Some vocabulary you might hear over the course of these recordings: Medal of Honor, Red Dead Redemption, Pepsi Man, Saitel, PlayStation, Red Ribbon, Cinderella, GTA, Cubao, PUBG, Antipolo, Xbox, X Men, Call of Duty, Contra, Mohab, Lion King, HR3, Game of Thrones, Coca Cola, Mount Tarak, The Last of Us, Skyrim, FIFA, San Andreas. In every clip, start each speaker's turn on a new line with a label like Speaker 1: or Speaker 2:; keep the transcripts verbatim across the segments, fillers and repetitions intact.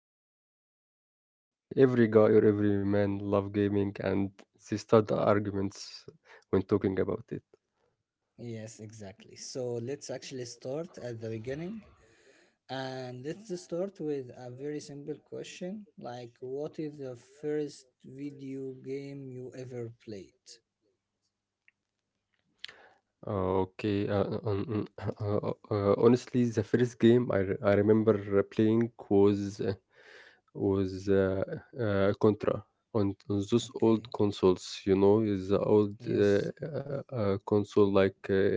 Speaker 1: course. Every uh, every guy or every man love gaming, and they start the arguments when talking about it.
Speaker 2: Yes, exactly. So let's actually start at the beginning. And let's just start with a very simple question like, what is the first video game you ever played?
Speaker 1: Uh, Okay. Uh, on, uh, uh, uh, honestly, the first game I, re- I remember playing was uh, was uh, uh, Contra on, on those old
Speaker 2: Okay,
Speaker 1: consoles. You know, is the old uh,
Speaker 2: yes.
Speaker 1: uh, uh, console like. Uh,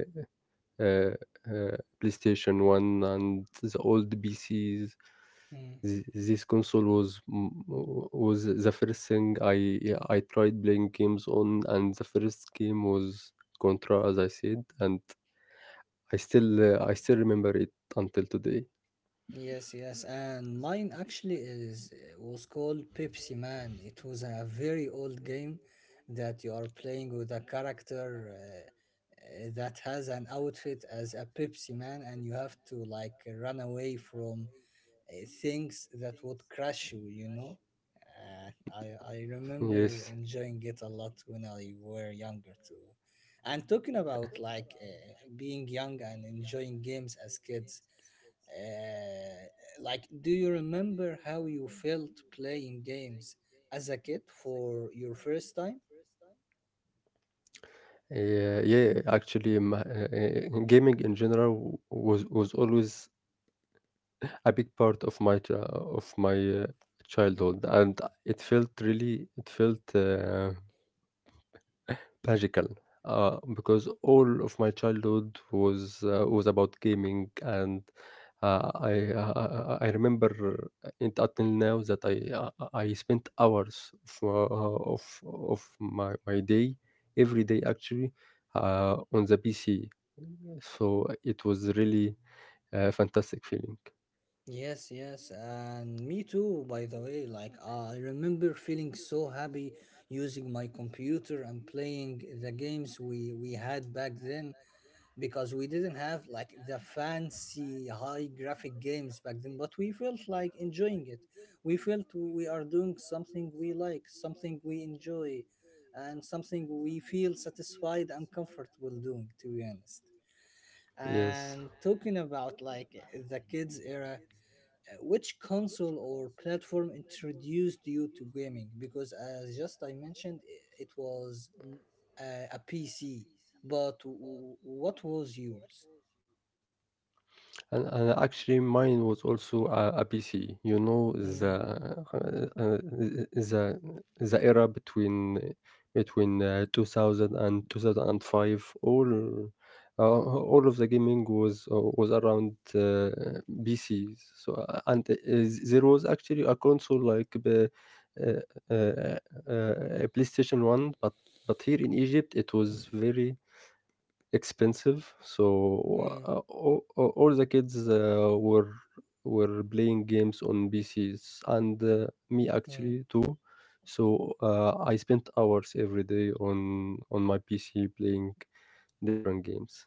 Speaker 1: uh, uh, PlayStation one and the old P Cs.
Speaker 2: Hmm.
Speaker 1: Th- This console was m- was the first thing I I tried playing games on, and the first game was Contra, as I said, and I still uh, I still remember it until today.
Speaker 2: Yes, yes, and mine actually is was called Pepsi Man. It was a very old game that you are playing with a character uh, uh, that has an outfit as a Pepsi Man, and you have to like run away from uh, things that would crush you, you know. Uh, I I remember
Speaker 1: Yes.
Speaker 2: enjoying it a lot when I were younger too. And talking about like uh, being young and enjoying games as kids, uh, like do you remember how you felt playing games as a kid for your first time?
Speaker 1: Yeah, yeah, actually, my, uh, uh, gaming in general was was always a big part of my ch- of my uh, childhood, and it felt really it felt uh, magical uh, because all of my childhood was uh, was about gaming, and uh, I, uh, I I remember it until now that I uh, I spent hours of uh, of of my my day every day actually uh, on the P C, so it was really a fantastic feeling.
Speaker 2: Yes, yes, and me too, by the way. Like, uh, I remember feeling so happy using my computer and playing the games we, we had back then because we didn't have like the fancy high graphic games back then, but we felt like enjoying it. We felt we are doing something we like, something we enjoy, and something we feel satisfied and comfortable doing, to be honest.
Speaker 1: Yes.
Speaker 2: And talking about like the kids' era, uh, which console or platform introduced you to gaming? Because as just I mentioned, i- it was mm, a P C, but w- w- what was yours?
Speaker 1: And and actually, mine was also uh, a, P C. You know the
Speaker 2: Mm,
Speaker 1: uh, uh, the the era between between uh, two thousand. All uh, all of the gaming was uh, was around uh, P Cs. So uh, and uh, There was actually a console like the uh, uh, uh, uh, PlayStation One, but but here in Egypt it was very expensive, so
Speaker 2: mm,
Speaker 1: uh, all, all all the kids uh, were were playing games on pcs, and uh,
Speaker 2: mm.
Speaker 1: me actually too. So uh, I spent hours every day on on my pc playing different games.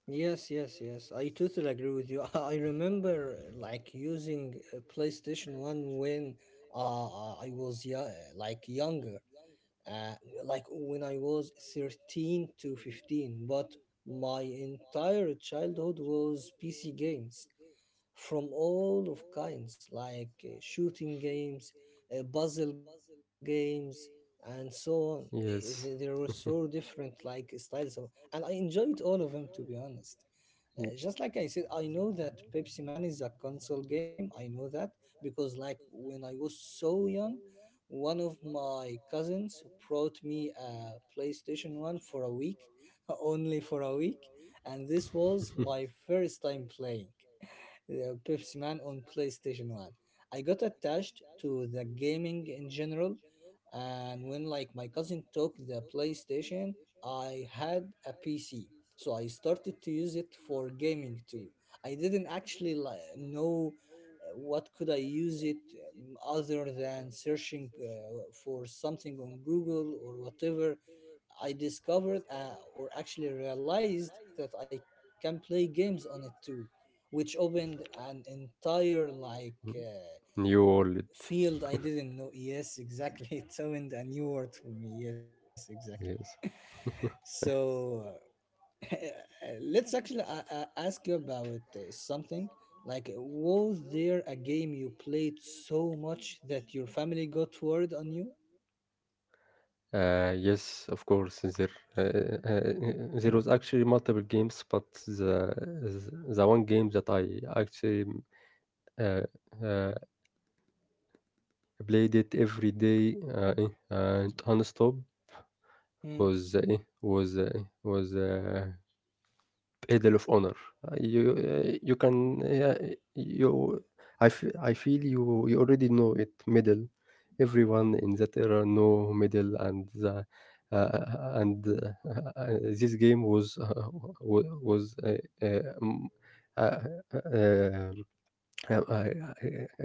Speaker 2: Yes, yes, yes. I totally agree with you. I remember uh, like using uh, PlayStation one when uh, uh, I was yeah, like younger. uh, like when I was thirteen to fifteen, but my entire childhood was P C games from all of kinds, like uh, shooting games, uh, puzzle games, and so on. Eh, They they
Speaker 1: Yes.
Speaker 2: were so different, like styles of, and I enjoyed all of them to be honest. Uh, just like I said, I know that Pepsi Man is a console game. I know that because, like, when I was so young, one of my cousins brought me a PlayStation one for a week, only for a week, and this was my first time playing uh, Pepsi Man on PlayStation one. I got attached to the gaming in general, and when like my cousin took the PlayStation, I had a P C, so I started to use it for gaming too. I didn't actually like know uh, what could I use it um, other than searching uh, for something on Google or whatever. I discovered uh, or actually realized that I can play games on it too, which opened an entire like. Uh,
Speaker 1: New world.
Speaker 2: field I didn't know. Yes, exactly. It opened a new world for me. Yes, exactly.
Speaker 1: Yes.
Speaker 2: So uh, let's actually uh, uh, ask you about uh, something. Like, was there a game you played so much that your family got word on you?
Speaker 1: Uh, yes, of course. There, uh, uh, uh, there was actually multiple games, but the the one game that I actually mm, uh, uh, played it every day uh, eh, and nonstop was
Speaker 2: Mm,
Speaker 1: uh, eh, was uh, was uh, Medal of Honor. Uh, You uh, you can uh, you I f- I feel you you already know it medal. Everyone in that era know medal and the, uh, uh, and uh, uh, this game was uh, wa- was uh, uh, m- uh, uh, um, uh,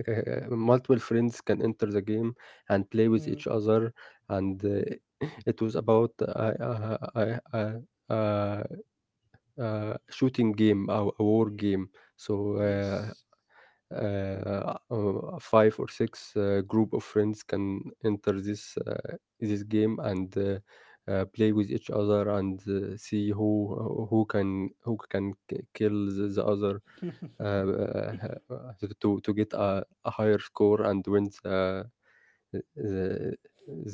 Speaker 1: uh, uh, multiple friends can enter the game and play with each
Speaker 2: mm,
Speaker 1: other, and uh, it was about uh, uh, uh, uh, uh, آآ shooting game أو a war game. So آآ
Speaker 2: yes.
Speaker 1: آآ uh, five or six uh, group of friends can enter this uh, this game and uh, uh, play with each other and uh, see who who can who can k kill the the other uh, uh, to to to get a a higher score and win the the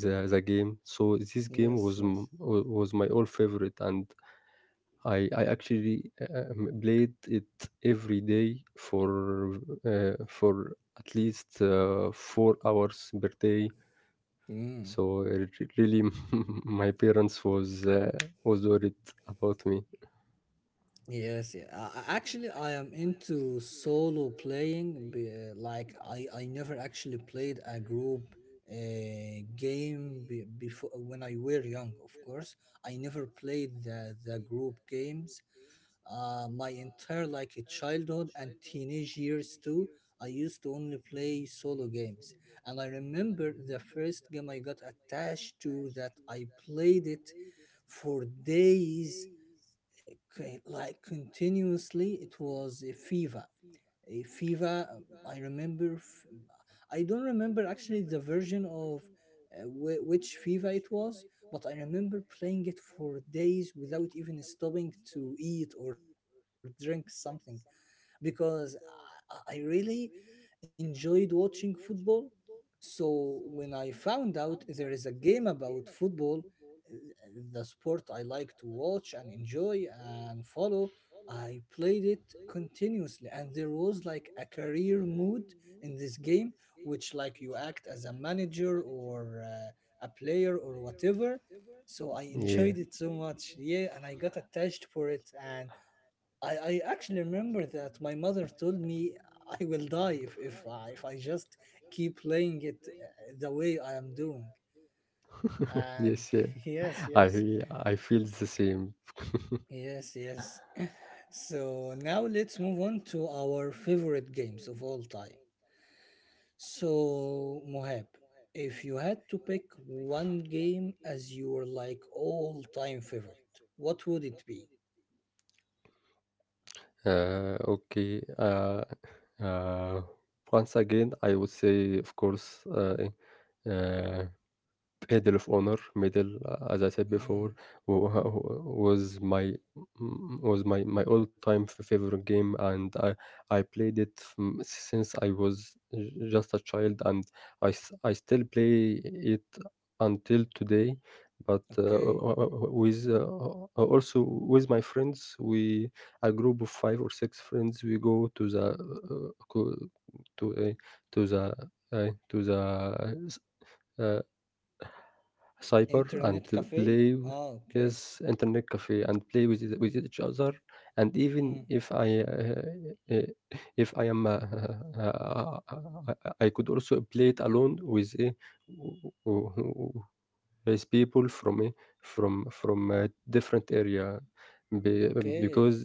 Speaker 1: the the game. So this game was
Speaker 2: Yes,
Speaker 1: m-
Speaker 2: yes.
Speaker 1: wa- was my all favorite, and I I actually um, played it every day for uh, for at least uh, four hours per day.
Speaker 2: Mm.
Speaker 1: So it re- really, my parents was uh, was worried about me.
Speaker 2: Yes, yeah. Uh, actually, I am into solo playing. be- uh, Like, I, I never actually played a group uh, game be, before when I were young. Of course, I never played the, the group games. Uh, my entire like childhood and teenage years too, I used to only play solo games. And I remember the first game I got attached to that I played it for days, c- like continuously. It was a fever, a fever uh, I remember f- I don't remember actually the version of uh, wh- which fever it was, but I remember playing it for days without even stopping to eat or drink something because i, I really enjoyed watching football. So when I found out there is a game about football, uh, the sport I like to watch and enjoy and follow, I played it continuously, and there was like a career mode in this game which like you act as a manager or uh, a player or whatever. So I
Speaker 1: Yeah.
Speaker 2: enjoyed it so much. Yeah, and I got attached for it, and I, I actually remember that my mother told me I will die if, if, I, if I just keep playing it uh, the way I am doing. And
Speaker 1: Yes. Yeah.
Speaker 2: yes, yes.
Speaker 1: I I feel the same.
Speaker 2: Yes, yes. So now let's move on to our favorite games of all time. So, Mohab, if you had to pick one game as your like all time favorite, what would it be?
Speaker 1: Uh, okay. Uh, uh, Once again, I would say, of course, uh, eh, uh, Medal of Honor, medal, uh, as I said before,
Speaker 2: Mm,
Speaker 1: wa wa was my mm, was my my all-time favorite game, and I I played it from since I was j just a child, and I s I still play it until today. But, uh, uh, uh,
Speaker 2: okay.
Speaker 1: uh, uh, with, uh, uh, also with my friends, we a group of five or six friends, we go to the, uh, uh, co to a to the, uh, to the uh cyber and
Speaker 2: Internet cafe?
Speaker 1: play
Speaker 2: Ah, okay.
Speaker 1: yes internet cafe and play with each- with each other, and even
Speaker 2: Mm,
Speaker 1: if i uh, uh, uh, if I am uh, uh, uh, uh, I could also play it alone with a with people from a- from from a different area be-
Speaker 2: okay.
Speaker 1: because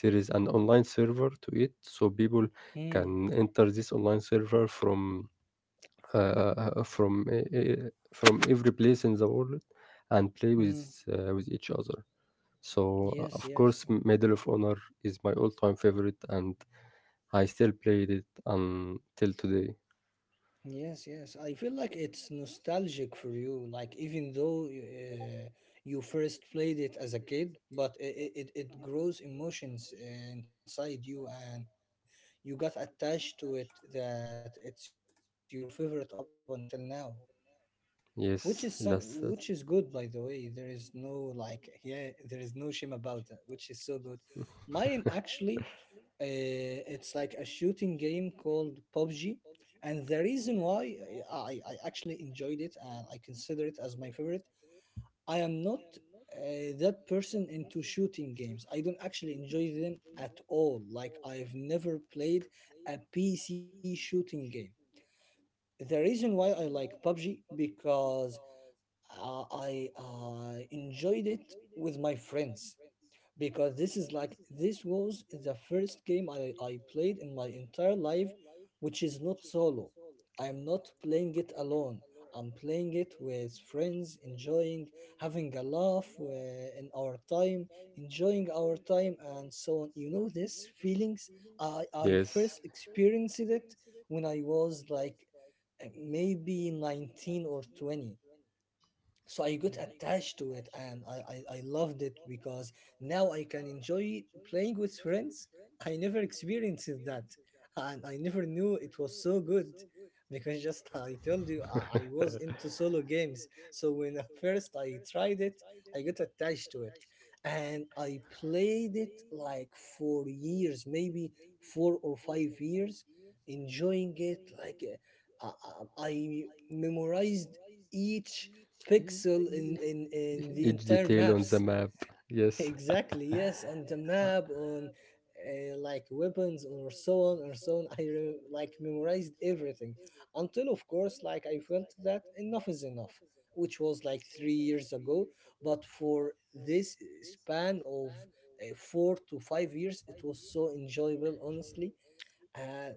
Speaker 1: there is an online server to it, so people
Speaker 2: Mm,
Speaker 1: can enter this online server from uh, uh, uh, from e- e- from every place in the world and play
Speaker 2: mm,
Speaker 1: with uh, with each other. So uh,
Speaker 2: yes,
Speaker 1: of course,
Speaker 2: yes,
Speaker 1: Medal of Honor is my all-time favorite, and I still played it until today.
Speaker 2: yes, yes. I feel like it's nostalgic for you. Like even though uh, you first played it as a kid, but it it, it grows emotions uh, inside you, and you got attached to it that it's your favorite up until now. Which
Speaker 1: Yes,
Speaker 2: is some,
Speaker 1: just that.
Speaker 2: which is good, by the way. There is no like, yeah, there is no shame about that, which is so good. Mine actually, uh, it's like a shooting game called P U B G. And the reason why uh, I, I actually enjoyed it and I consider it as my favorite, I am not uh, that person into shooting games. I don't actually enjoy them at all. Like, I've never played a P C shooting game. The reason why I like P U B G because uh, I uh, enjoyed it with my friends because this is like this was the first game I, I played in my entire life, which is not solo. I'm not playing it alone. I'm playing it with friends, enjoying, having a laugh uh, in our time, enjoying our time and so on. You know this feelings, i i
Speaker 1: Yes,
Speaker 2: first experienced it when I was like uh, maybe nineteen or twenty. So I got attached to it, and I, I, I loved it because now I can enjoy playing with friends. I never experienced that, and I never knew it was so good because just uh, I told you I, I was into solo games. So when at first I tried it, I got attached to it, and I played it like for years, maybe four or five years, enjoying it like uh, I uh, I memorized each
Speaker 1: E e
Speaker 2: pixel in,
Speaker 1: e
Speaker 2: in, in the
Speaker 1: each
Speaker 2: entire
Speaker 1: detail on the
Speaker 2: maps.
Speaker 1: map. Yes.
Speaker 2: Exactly, yes, on the map, on uh, like weapons or so on or so on. I re- like memorized everything until, of course, like I felt that enough is enough, which was like three years ago. But for this span of uh, four to five years, it was so enjoyable, honestly. Uh,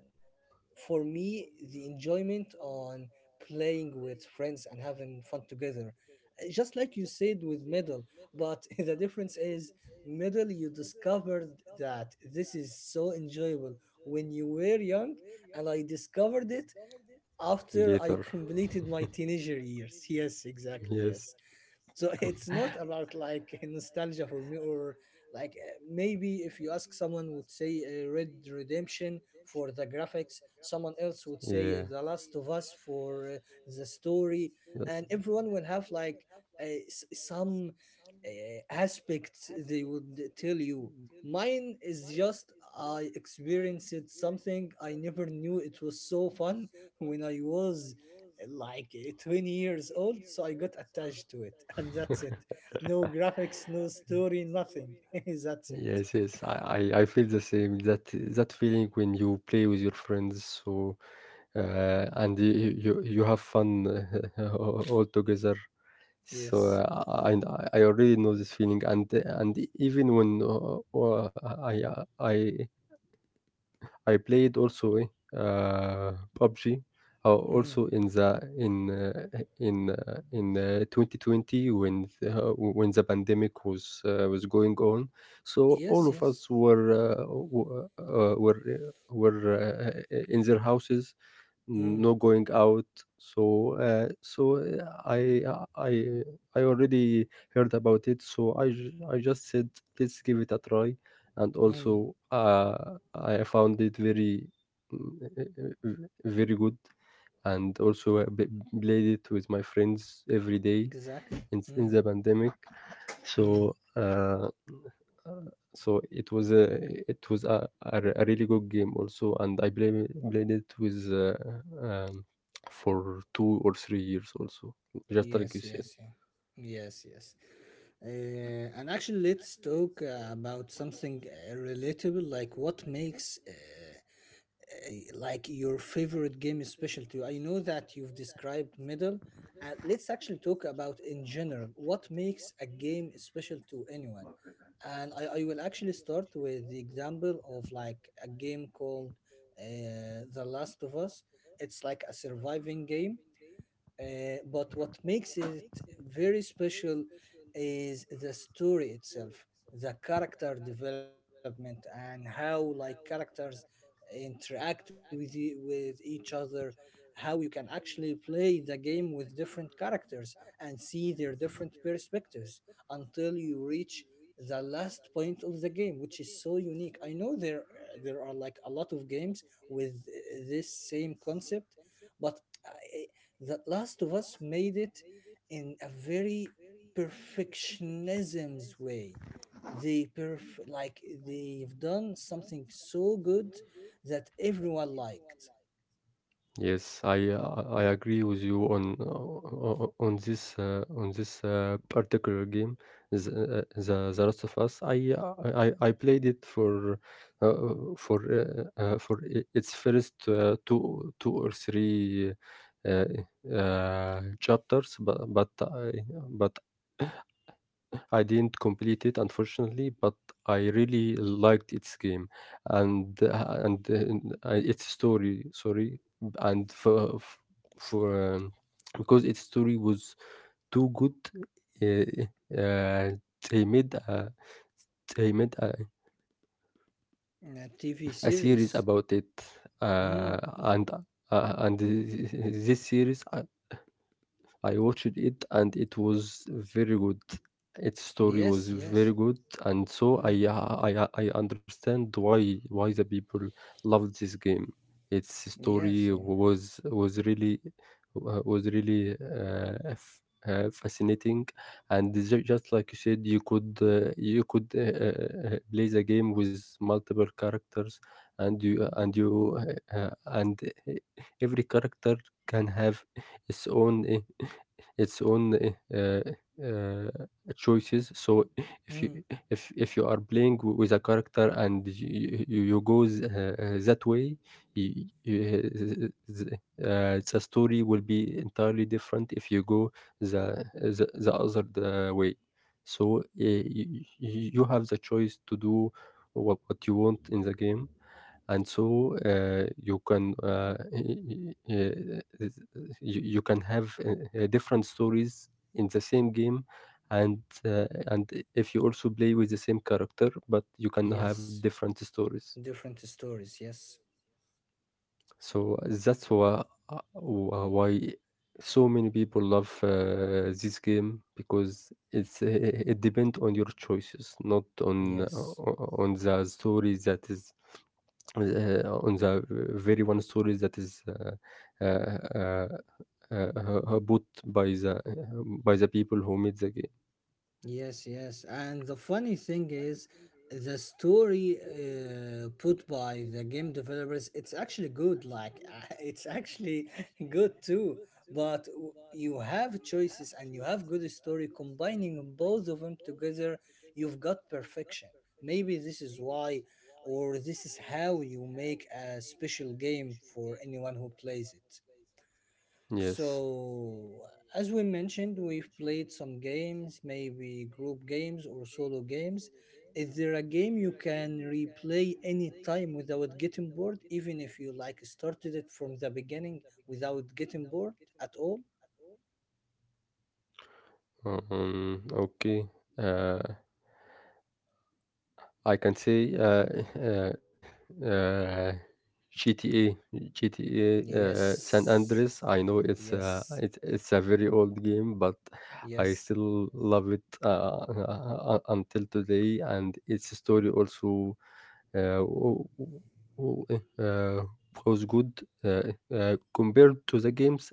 Speaker 2: for me, the enjoyment on playing with friends and having fun together, Uh, just like you said with middle, but the difference is middle you discovered that this is so enjoyable when you were young, and I discovered it after I
Speaker 1: Later.
Speaker 2: completed my teenager years. Yes, exactly.
Speaker 1: Yes.
Speaker 2: Yes, so it's not about like nostalgia for me, or like uh, maybe if you ask someone would say uh, red redemption for the graphics, someone else would
Speaker 1: Yes, exactly,
Speaker 2: say uh,
Speaker 1: yes.
Speaker 2: the
Speaker 1: Yeah.
Speaker 2: last of us for uh, the story, and everyone will have like uh, s- some uh, aspects they would tell you. Mine is just I experienced something I never knew it was so fun when I was like uh, twenty years old, so I got attached to it, and that's it. No
Speaker 1: No.
Speaker 2: graphics, no story, nothing. That's it.
Speaker 1: Yes, yes, I, I, I feel the same. That that feeling when you play with your friends, so uh, and you, you you have fun all together. So
Speaker 2: Yes.
Speaker 1: uh, I I already know this feeling, and and even when uh, uh, I I I played also eh, uh, P U B G uh,
Speaker 2: Mm.
Speaker 1: also in the in uh, in uh, in uh, twenty twenty when the, uh, when the pandemic was uh, was going on, so all
Speaker 2: Yes,
Speaker 1: of
Speaker 2: yes.
Speaker 1: us were uh, w- uh, were uh, were uh, in their houses,
Speaker 2: Mm.
Speaker 1: no going out. So uh, so uh, i i I already heard about it, so i ju- I just said let's give it a try, and
Speaker 2: Mm.
Speaker 1: also uh, I found it very mm, very good, and also I b- played it with my friends every day
Speaker 2: Exactly.
Speaker 1: in, in
Speaker 2: Mm.
Speaker 1: the pandemic.
Speaker 2: Mm.
Speaker 1: So uh, so it was a it was a, a, re- a really good game also, and I played played it with uh, um, for two or three years also, just like you
Speaker 2: Yes,
Speaker 1: said.
Speaker 2: yes, yeah. Yes, yes. Uh, and actually, let's talk uh, about something uh, relatable, like what makes uh, uh, like your favorite game is special to you. I know that you've described middle. Uh, let's actually talk about in general what makes a game special to anyone. And I, I will actually start with the example of like a game called uh, The Last of Us. It's like a surviving game uh, but what makes it very special is the story itself, the character development, and how like characters interact with e- with each other, how you can actually play the game with different characters and see their different perspectives until you reach the last point of the game, which is so unique. I know there there are like a lot of games with uh, this same concept, but uh, that Last of Us made it in a very perfectionism's way. They perf- like they've done something so good that everyone liked.
Speaker 1: Yes, I uh, I agree with you on uh, o- on this uh, on this uh, particular game, the, uh, the The Last of Us. I I, I I played it for uh, for uh, uh, for i- its first uh, two two or three uh, uh, chapters, but but I but I didn't complete it, unfortunately, but I really liked its game and uh, and uh, uh, its story. Sorry, and for for um, because its story was too good, uh, uh, they made a they made a,
Speaker 2: A T V
Speaker 1: a series
Speaker 2: series.
Speaker 1: about it,
Speaker 2: Mm,
Speaker 1: uh, and uh, and this series I watched it and it was very good. Its story
Speaker 2: yes,
Speaker 1: was
Speaker 2: yes.
Speaker 1: very good, and so
Speaker 2: Mm,
Speaker 1: I uh, I uh, I understand why why the people loved this game. Its story
Speaker 2: yes, yeah.
Speaker 1: was was really uh, was really uh, f- uh, fascinating, and ju- just like you said, you could uh, you could uh, uh, uh, play the game with multiple characters, and you uh, and you uh, uh, and uh, every character can have its own uh, its own uh, uh, uh, choices. So if you
Speaker 2: Mm,
Speaker 1: if if you are playing w- with a character, and you you, you go th- uh, uh, that way, y y- uh, th- uh, the story will be entirely different if you go the the, the other uh, way. So uh, you, you have the choice to do what what you want in the game, and so uh, you can uh, y- y- y- you, you can have uh, uh, different stories in the same game, and uh, and if you also play with the same character, but you can have
Speaker 2: yes.
Speaker 1: different stories.
Speaker 2: Different stories. Yes,
Speaker 1: So that's why uh, why so many people love uh, this game, because it's uh, it depends on your choices, not on
Speaker 2: yes.
Speaker 1: uh, on the story that is uh, on the very one story that is uh, uh, uh, uh, uh, bought by the uh, by the people who made the game.
Speaker 2: Yes, yes. And the funny thing is, the story uh, put by the game developers, it's actually good. Like, it's actually good too. But w- you have choices and you have good story. Combining both of them together, you've got perfection. Maybe this is why, or this is how you make a special game for anyone who plays it.
Speaker 1: Yes.
Speaker 2: So, as we mentioned, we've played some games, maybe group games or solo games. Is there a game you can replay anytime without getting bored, even if you like started it from the beginning without getting bored at all?
Speaker 1: Um, okay. Uh, I can say uh, uh, uh, G T A, G T A uh, San
Speaker 2: Yes,
Speaker 1: Andreas. I know it's uh,
Speaker 2: yes,
Speaker 1: it's it's a very old game, but I
Speaker 2: yes.
Speaker 1: still love it uh, uh, uh, until today. And its story also uh, w- w- uh, was good uh, uh, compared to the games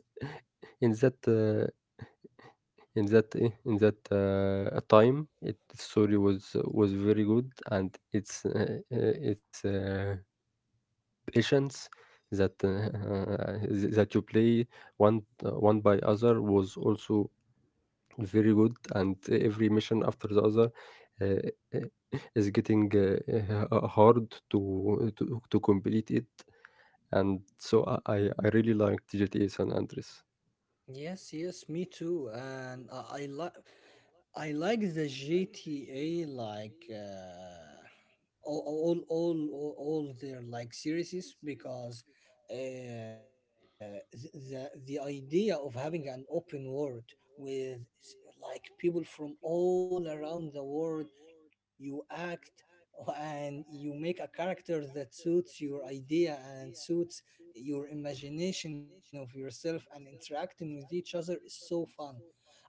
Speaker 1: in that uh, in that eh, in that uh, time, it the story was was very good, and it's uh, uh, it's uh, patience that uh, uh, th- that you play one uh, one by other was also very good, and every mission after the other uh, uh, is getting uh, uh, hard to, to to complete it, and so I I I really liked G T A San Andreas.
Speaker 2: Yes, yes, me too. And I, I like I like the G T A like uh, all, all all all all their like series because uh, th- the the idea of having an open world with s- like people from all around the world, you act and you make a character that suits your idea and suits your imagination of yourself, and interacting with each other is so fun.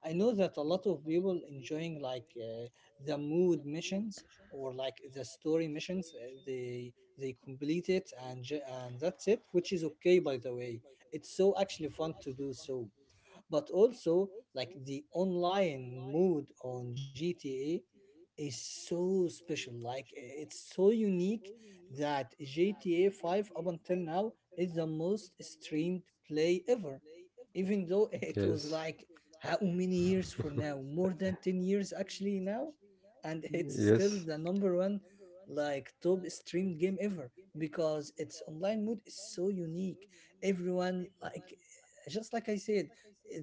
Speaker 2: I know that a lot of people enjoying like uh, the mood missions or like the story missions. uh, they they complete it and ju- and that's it, which is okay by the way. It's so actually fun to do so, but also like the online mode on G T A is so special. Like i- it's so unique that G T A five up until now is the most streamed play ever, even though it was
Speaker 1: Yes,
Speaker 2: like, how many years for now? More than ten years actually now, and it's still
Speaker 1: yes.
Speaker 2: the number one like top streamed game ever, because its online mode is so unique. Everyone, like, just like I said,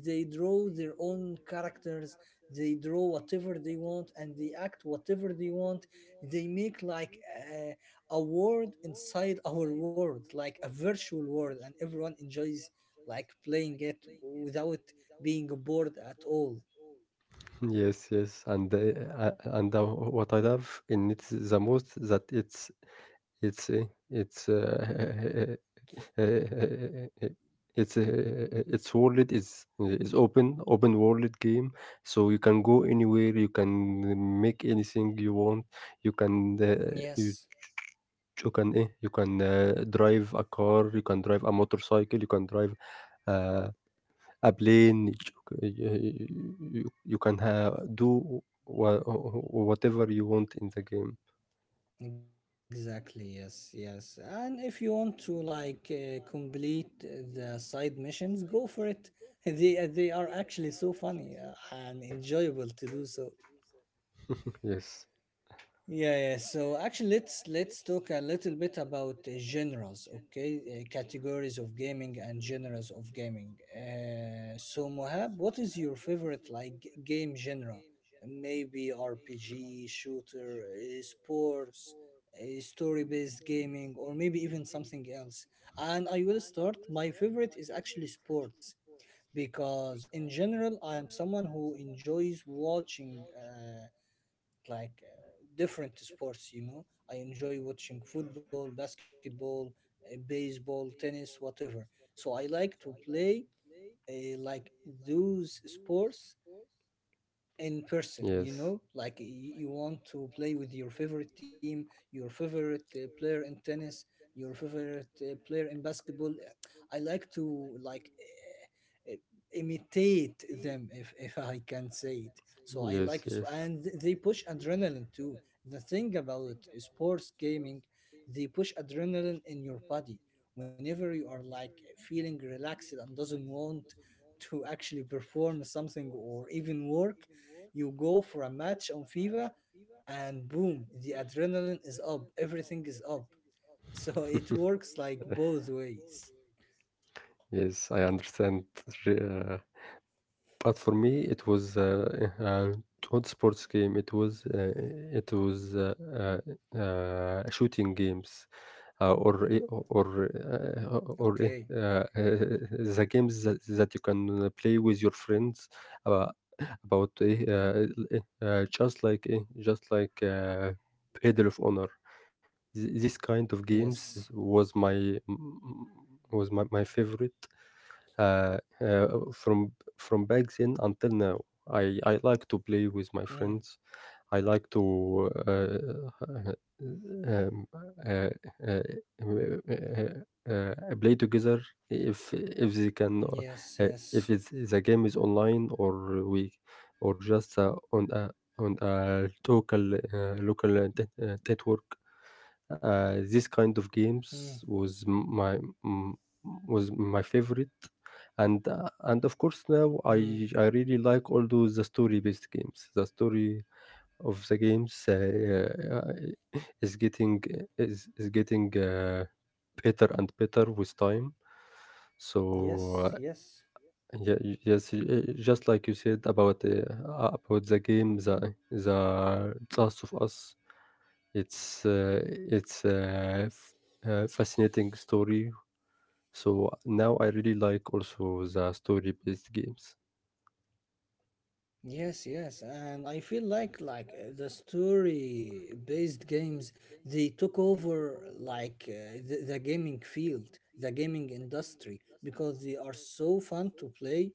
Speaker 2: they draw their own characters, they draw whatever they want and they act whatever they want, they make like a, a world inside our world, like a virtual world, and everyone enjoys like playing it without being bored at all.
Speaker 1: Yes, yes, and the, uh, and the, what I love in it the most that it's it's uh, it's uh, it's uh, it's world is is open open world game, so you can go anywhere, you can make anything you want, you can uh, you
Speaker 2: Yes,
Speaker 1: you can eh, you can uh, drive a car, you can drive a motorcycle, you can drive. Uh, a plane, you c- y- y- you can ha- do wha- whatever you want in the game.
Speaker 2: exactly, yes, yes. And if you want to like uh, complete the side missions, go for it. they uh, they are actually so funny uh, and enjoyable to do so.
Speaker 1: Yes,
Speaker 2: Yeah, yeah. So actually, let's let's talk a little bit about uh, genres, okay? Uh, categories of gaming and genres of gaming. Uh, so Mohab, what is your favorite like g- game genre? Maybe R P G, shooter, uh, sports, uh, story-based gaming, or maybe even something else. And I will start. My favorite is actually sports, because in general, I am someone who enjoys watching. Uh, like uh, different sports, you know, I enjoy watching football, basketball, uh, baseball, tennis, whatever. So I like to play uh, like those sports in person, you
Speaker 1: yes,
Speaker 2: know, like y- you want to play with your favorite team, your favorite uh, player in tennis, your favorite uh, player in basketball. Uh, I like to like uh, uh, imitate them, if, if I can say it. So I
Speaker 1: yes,
Speaker 2: like it,
Speaker 1: yes.
Speaker 2: and th- they push adrenaline too. The thing about sports gaming, they push adrenaline in your body. Whenever you are like feeling relaxed and doesn't want to actually perform something or even work, you go for a match on FIFA, and boom, the adrenaline is up, everything is up. So it works like both ways.
Speaker 1: Yes, I understand. uh, But for me, it was uh, uh, not sports game. It was uh, it was uh, uh, uh, shooting games, uh, or i- or
Speaker 2: Okay.
Speaker 1: uh, or I- uh, the games that, that you can uh, play with your friends about about uh, uh, eh, uh, just like uh, just like uh, Pedal of Honor. Th- This kind of games
Speaker 2: Yes.
Speaker 1: was my was my, my favorite uh, uh, from from back then until now. I, I like to play with my
Speaker 2: Mm.
Speaker 1: friends. I like to uh, uh, um, uh, uh, uh, uh, play together if if they can
Speaker 2: Yes,
Speaker 1: uh, if
Speaker 2: yes.
Speaker 1: it's, the game is online, or we or just uh, on a on a local uh, local uh, net- uh, network. Uh, this kind of
Speaker 2: Mm.
Speaker 1: games was my mm, was my favorite. And uh, and of course
Speaker 2: Mm.
Speaker 1: now I I really like all those the story based games. The story of the games uh, is getting is is getting uh, better and better with time. So
Speaker 2: Yes,
Speaker 1: uh,
Speaker 2: yes.
Speaker 1: yeah, yes, y- just like you said about uh, about the game, the the Last of Us, it's uh, it's a f- a fascinating story. So now I really like also the story based games.
Speaker 2: Yes, yes, and I feel like like uh, the story based games, they took over like uh, the, the gaming field, the gaming industry, because they are so fun to play.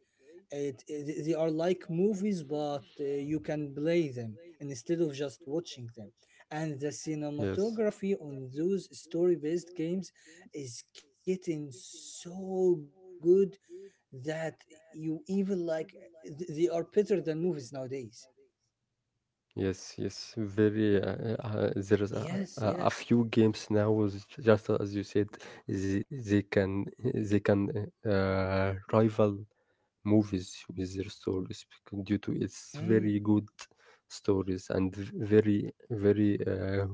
Speaker 2: It, it- they are like movies, but uh, you can play them instead of just watching them. And the
Speaker 1: Yes.
Speaker 2: cinematography on those story based games is getting so good that you even like th- they are better than movies nowadays.
Speaker 1: Yes, yes, very. Uh, uh, there's
Speaker 2: Yes,
Speaker 1: a,
Speaker 2: yes.
Speaker 1: a, a few games now, was j- just as you said, they, they can they can uh, rival movies with their stories, because due to its
Speaker 2: Mm,
Speaker 1: very good stories and v- very very uh,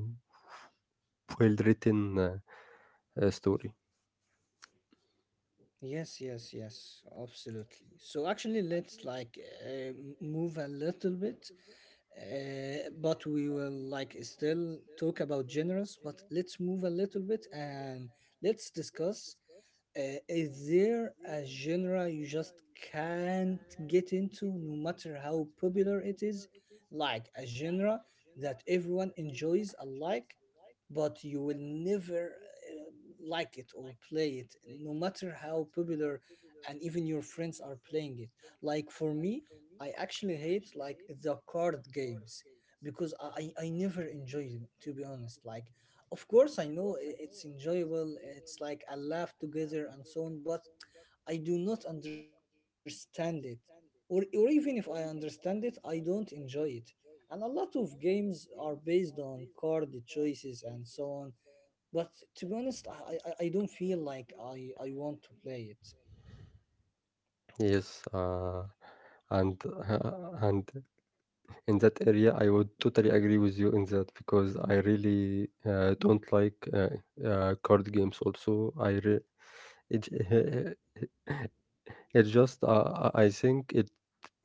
Speaker 1: well written uh, uh, story.
Speaker 2: yes, yes, yes. Absolutely. So actually, let's like uh, move a little bit, uh, but we will like still talk about genres. But let's move a little bit and let's discuss, Uh, is there a genre you just can't get into no matter how popular it is? Like a genre that everyone enjoys alike, but you will never uh, like it or play it, no matter how popular, and even your friends are playing it. Like for me, I actually hate like the card games, because I, I I never enjoy them, to be honest. Like, of course, I know i- it's enjoyable. It's like a laugh together and so on, but I do not understand it. Or, or even if I understand it, I don't enjoy it. And a lot of games are based on card choices and so on. But to be honest, I, I, I I don't feel like I, I want to play it.
Speaker 1: Yes, uh, and uh, and in that area, I would totally agree with you in that, because I really uh, don't like uh, uh, card games. Also, I re- it it just uh, I I think it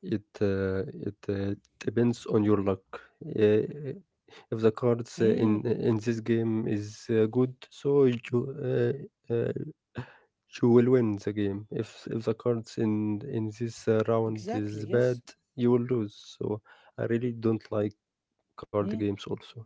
Speaker 1: it uh, it uh, depends on your luck. Uh, if the cards uh, in in
Speaker 2: Hmm,
Speaker 1: this game is uh, good, so you uh, uh, you will win the game. If if the cards in in this uh,
Speaker 2: exactly,
Speaker 1: round
Speaker 2: yes.
Speaker 1: is bad, you will lose. So I really don't like card
Speaker 2: Hmm.
Speaker 1: games also.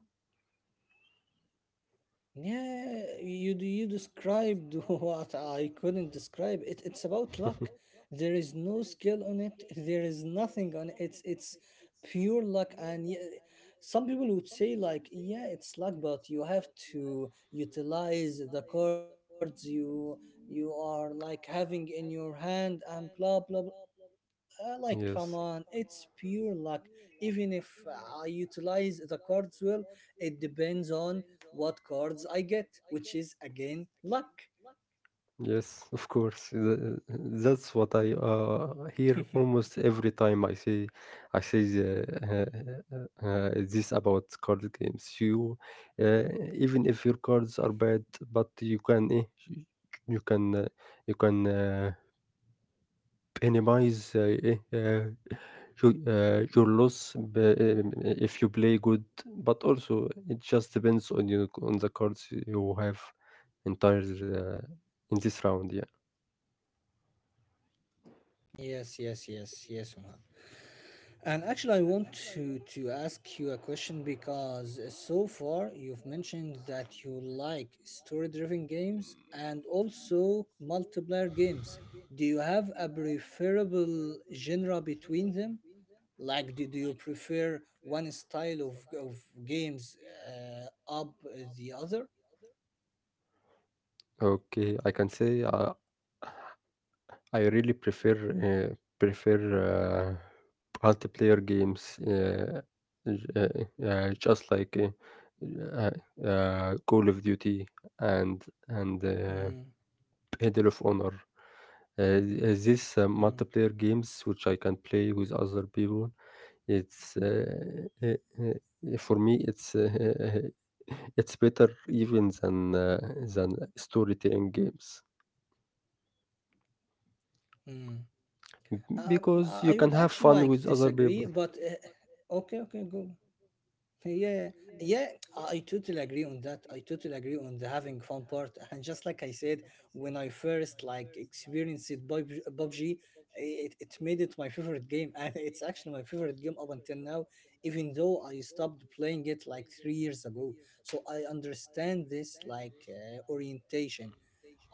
Speaker 2: Yeah, you d- you described what I couldn't describe. It, it's about luck. There is no skill on it. There is nothing on it. It's it's pure luck. And yeah, some people would say like, yeah, it's luck, but you have to utilize the cards you you are like having in your hand and blah blah blah. Uh, Like, come on, it's pure
Speaker 1: Yes.
Speaker 2: luck. Even if I utilize the cards well, it depends on what cards I get, which is again luck.
Speaker 1: Yes, of course. Th- uh, That's what I uh, hear almost every time I say I say the, uh, uh, uh, this about card games. You uh, Even if your cards are bad, but you can eh, you can uh, you can uh, minimize uh, eh, uh, your, uh, your loss b- um, if you play good, but also it just depends on you on the cards you have entire uh, in this round, yeah.
Speaker 2: Yes, yes, yes, yes, Omar. And actually, I want to to ask you a question, because so far you've mentioned that you like story-driven games and also multiplayer games. Do you have a preferable genre between them? Like, do, do you prefer one style of of games uh, up the other?
Speaker 1: Okay, I can say uh, I really prefer uh, prefer uh, multiplayer games, uh, uh, uh, just like uh, uh, uh, Call of Duty and and uh,
Speaker 2: Hmm,
Speaker 1: Medal of Honor. Uh, th- uh, Multiplayer
Speaker 2: hmm,
Speaker 1: games which I can play with other people. It's uh, uh, uh, for me. It's uh, it's better even than uh, than storytelling games,
Speaker 2: hmm. Um, I I would
Speaker 1: because you
Speaker 2: actually
Speaker 1: can have
Speaker 2: like
Speaker 1: fun with
Speaker 2: disagree,
Speaker 1: other
Speaker 2: but
Speaker 1: people.
Speaker 2: uh, okay, okay, go. Yeah, yeah, yeah. Yeah, I I totally agree on that. I totally agree on the having fun part. And just like I said, when I first like experienced it, P U B G P U B G, it, it made it my favorite game, and it's actually my favorite game up until now. Even though I stopped playing it like three years ago, so I understand this like uh, orientation.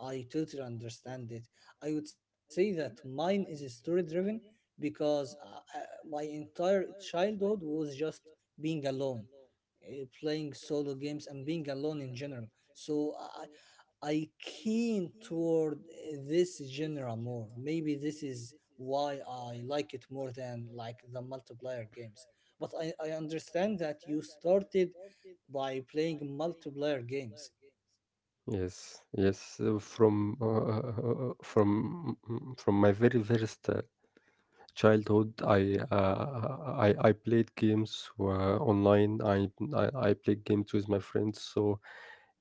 Speaker 2: I totally understand it. I would say that mine is story driven, because uh, uh, my entire childhood was just being alone, uh, playing solo games, and being alone in general. So I, I keen toward uh, this genre more. Maybe this is why I like it more than like the multiplayer games. But I, I understand that you started by playing multiplayer games.
Speaker 1: Yes, yes. uh, From uh, from mm, mm, from my very first uh, childhood, i uh, I i played games uh, online. I, I i played games with my friends. So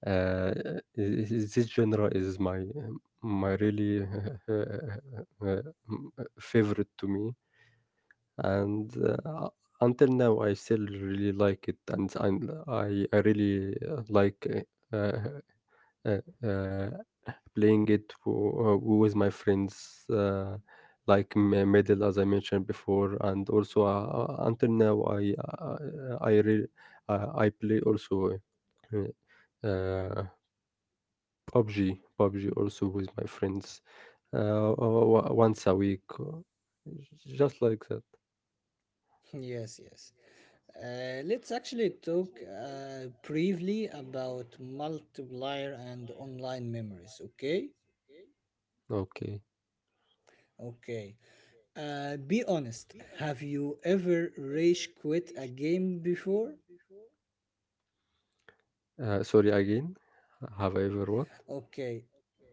Speaker 1: uh, i- i- this genre is my um, my really uh, favorite to me. And uh, until now I still really like it, and, and i i really uh, like uh, uh, uh, playing it for uh, with my friends, uh, like m- middle as I mentioned before, and also uh, uh, until now I uh, I re- uh, I play also uh, uh, P U B G, P U B G also with my friends, uh, o- o- once a week, just like that.
Speaker 2: Yes, yes. Uh, let's actually talk uh, briefly about multiplier and online memories, okay?
Speaker 1: Okay.
Speaker 2: Okay. Uh, be honest, have you ever rage quit a game before?
Speaker 1: Uh, sorry again. Have I ever what?
Speaker 2: Okay.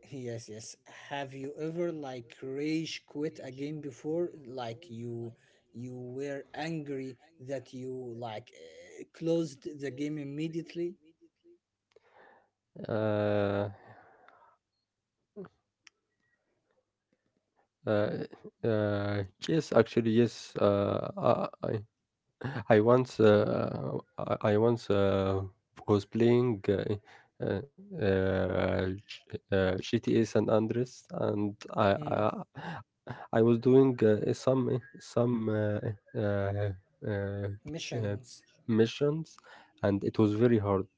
Speaker 2: Yes, yes. Have you ever like rage quit a game before? Like you you were angry that you like uh, closed the game immediately?
Speaker 1: Uh, uh, uh, yes, actually, yes. Uh, I, I I once uh, I I once uh, was playing uh, eh, uh, uh, G- uh, G T A San Andreas, and I I,
Speaker 2: Hmm.
Speaker 1: I was doing uh, eh, some eh, some uh, eh, uh, uh,
Speaker 2: Missions.
Speaker 1: uh, missions, and it was very hard,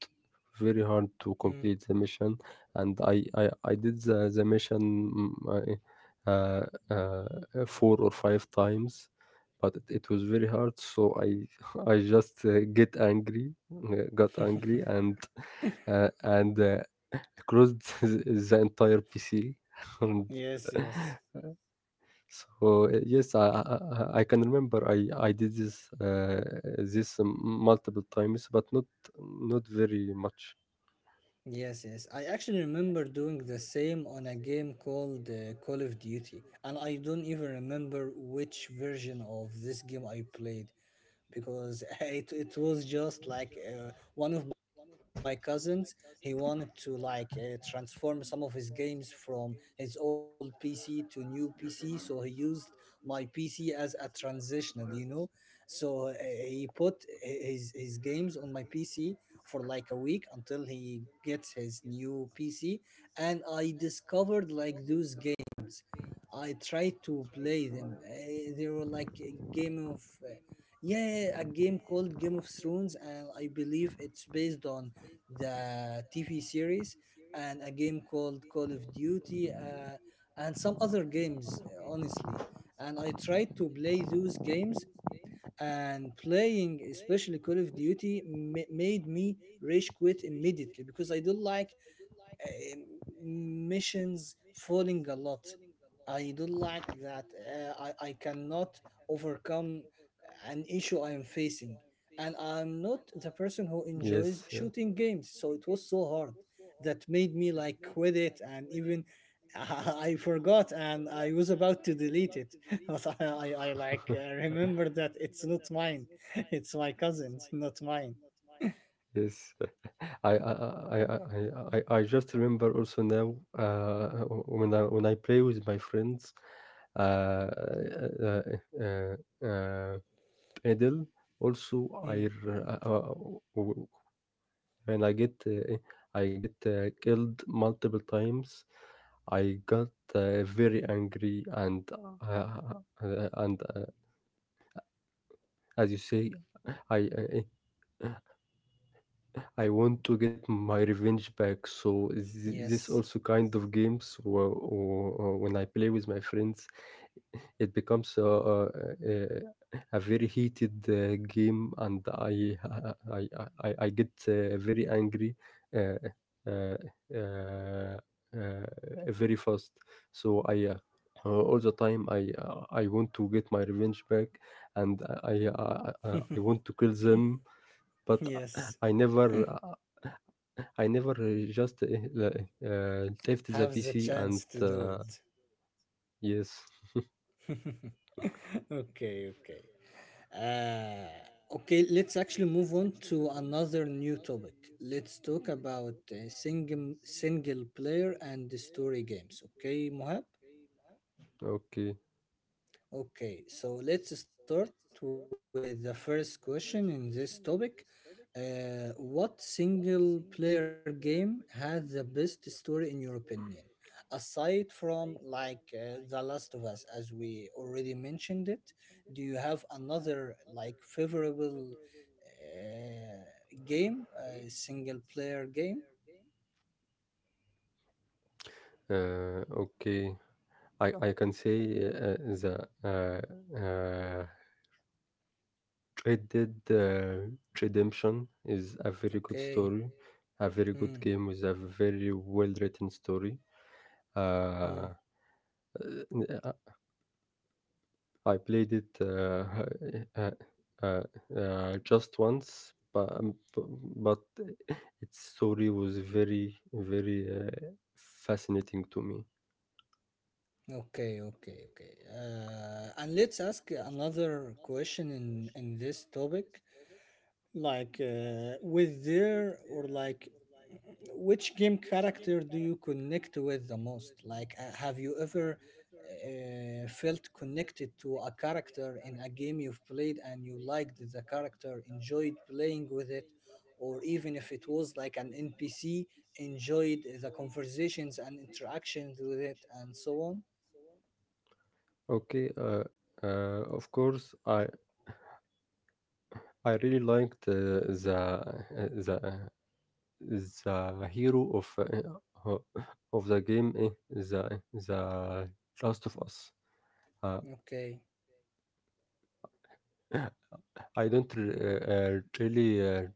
Speaker 1: very hard
Speaker 2: Hmm.
Speaker 1: to complete the mission. And I I, I did the the mission mm, uh, uh, uh, four or five times, but it, it was very hard, so I I just uh, get angry uh, got angry and uh, and uh, closed the entire PC. and
Speaker 2: Yes, yes.
Speaker 1: So uh, yes, i i, I I can remember i i did this uh, this um, multiple times, but not not very much.
Speaker 2: Yes, yes. I actually remember doing the same on a game called uh, Call of Duty, and I don't even remember which version of this game I played, because it, it was just like uh, one of my cousins, he wanted to like uh, transform some of his games from his old pc to new pc, so he used my pc as a transitional, you know, so uh, he put hi- his his games on my pc for like a week until he gets his new pc. And I discovered like those games, I tried to play them. Eh, they were like a game of eh, yeah, a game called Game of Thrones, and I believe it's based on the T V series, and a game called Call of Duty, uh, and some other games, uh, honestly. And I tried to play those games, and playing, especially Call of Duty, ma- made me rage quit immediately, because I don't like uh, missions falling a lot. I don't like that. Uh, I, I cannot overcome an issue I am facing. And I'm not the person who
Speaker 1: Yes
Speaker 2: enjoys
Speaker 1: yeah.
Speaker 2: shooting games. So it was so hard that made me like quit it. And even I forgot and I was about to delete it. But I, I, I like uh, remember that it's not mine. It's my cousin's, not mine.
Speaker 1: Yes, I I I I I I I just remember also now uh, when I when I play with my friends, uh, uh, uh, uh, pedal. Also,
Speaker 2: Hmm.
Speaker 1: I r- uh, uh, w- when I get uh, I get uh, killed multiple times, I got uh, very angry and uh, uh, uh, and uh, as you say, I I want to get my revenge back. So th- this
Speaker 2: Yes.
Speaker 1: also kind of games, wh- wh- uh, when I play with my friends, it becomes a, a, a a very heated uh, game, and I I I, I I get uh, very angry. Uh, uh, uh, uh, Very fast, so I uh, uh, all the time i uh, I want to get my revenge back, and i i, I, uh, I want to kill them, but
Speaker 2: Yes.
Speaker 1: I never I never uh, just uh, uh, left the
Speaker 2: Have the
Speaker 1: P C and
Speaker 2: chance to do
Speaker 1: uh,
Speaker 2: it.
Speaker 1: yes.
Speaker 2: Okay, okay. Uh, okay, let's actually move on to another new topic. Let's talk about uh, single, single player and the story games. Okay, Mohab?
Speaker 1: okay,
Speaker 2: Okay, so let's start with the first question in this topic. Uh, what single player game has the best story in your opinion? Aside from like uh, The Last of Us, as we already mentioned it, do you have another like favorable uh, game, uh, single player game?
Speaker 1: uh, okay. I, I can say uh, the uh, uh, Red Dead uh, Redemption is a very good
Speaker 2: Okay.
Speaker 1: story, a very good
Speaker 2: Hmm.
Speaker 1: game with a very well written story.
Speaker 2: Mm.
Speaker 1: Uh, I played it uh, uh, uh, uh, just once, but, um, b- but its story was very, very uh, fascinating to me.
Speaker 2: Okay, okay, okay. Uh, and let's ask another question in in this topic. Like, uh, with there or like, which game character do you connect with the most? Like, uh, have you ever uh, felt connected to a character in a game you've played, and you liked the character, enjoyed playing with it, or even if it was like an N P C, enjoyed the conversations and interactions with it, and so on?
Speaker 1: Okay, uh, uh, of course, I I really liked uh, the uh, the the hero of uh, of the game, eh, the the Last of Us. Uh,
Speaker 2: Okay,
Speaker 1: I don't r- uh, uh, really uh,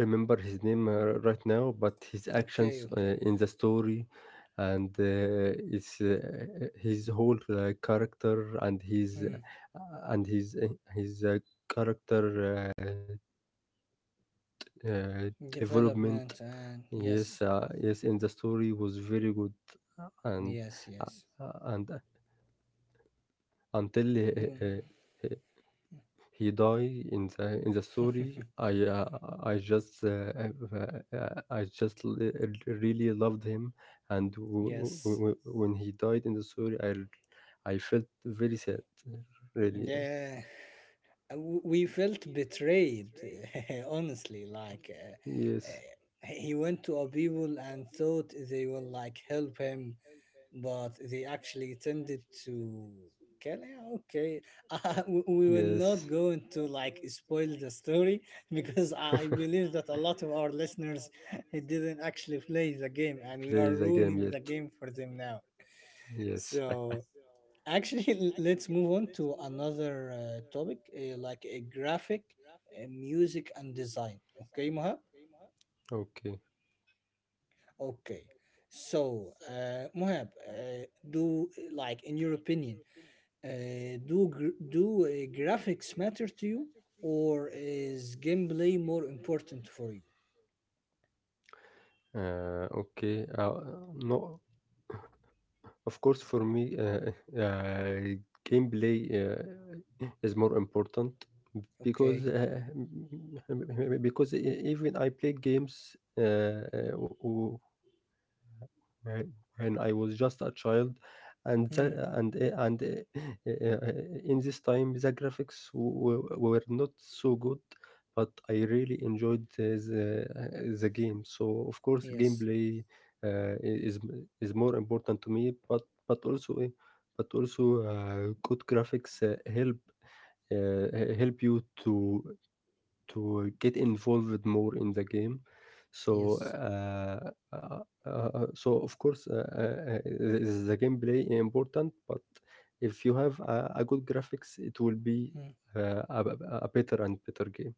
Speaker 1: remember his name uh, right now, but his
Speaker 2: okay,
Speaker 1: actions uh,
Speaker 2: okay.
Speaker 1: in the story and uh, it's uh, his whole uh, character and his
Speaker 2: Mm.
Speaker 1: uh, and his uh, his uh, character uh, uh, development.
Speaker 2: Development and
Speaker 1: Yes,
Speaker 2: yes,
Speaker 1: uh, yes, in the story was very good, uh, and
Speaker 2: yes,
Speaker 1: uh,
Speaker 2: yes.
Speaker 1: uh, and until uh, uh,
Speaker 2: Mm.
Speaker 1: he died in the in the story. I uh, I just uh, uh, uh, I just li- really loved him, and w- w-
Speaker 2: Yes.
Speaker 1: w- when he died in the story, I I felt very sad, really.
Speaker 2: Yeah, Uh, w- we felt betrayed, honestly. Like, uh,
Speaker 1: Yes,
Speaker 2: uh, he went to Abibul and thought they will like help him, but they actually tended to kill him. Okay, uh, we we will
Speaker 1: yes.
Speaker 2: not go into like spoil the story because I believe that a lot of our listeners didn't actually play the game, and we are
Speaker 1: Plays a game
Speaker 2: ruining
Speaker 1: yet.
Speaker 2: the game for them now.
Speaker 1: Yes.
Speaker 2: So actually, l- let's move on to another uh, topic, uh, like a graphic, uh, music, and design. Okay, Mohab.
Speaker 1: Okay.
Speaker 2: Okay. So, uh, Mohab, uh, do like in your opinion, Uh, do gr- do uh, graphics matter to you, or is gameplay more important for you?
Speaker 1: Uh, okay. Uh, no, of course, for me, uh, uh, gameplay uh, is more important, because
Speaker 2: Okay.
Speaker 1: uh, because e- even I play games, uh, uh, right, when I was just a child, and
Speaker 2: Hmm.
Speaker 1: the, and uh, and uh, uh, in this time the graphics w- w- were not so good, but I really enjoyed the the, the game. So of course,
Speaker 2: Yes.
Speaker 1: gameplay uh, is is more important to me, but but also uh, but also uh, good graphics uh, help uh, help you to to get involved more in the game. So
Speaker 2: Yes.
Speaker 1: uh, uh, so of course, uh, uh, uh, the gameplay is important, but if you have a, a good graphics, it will be
Speaker 2: Hmm.
Speaker 1: uh, a a better and better game.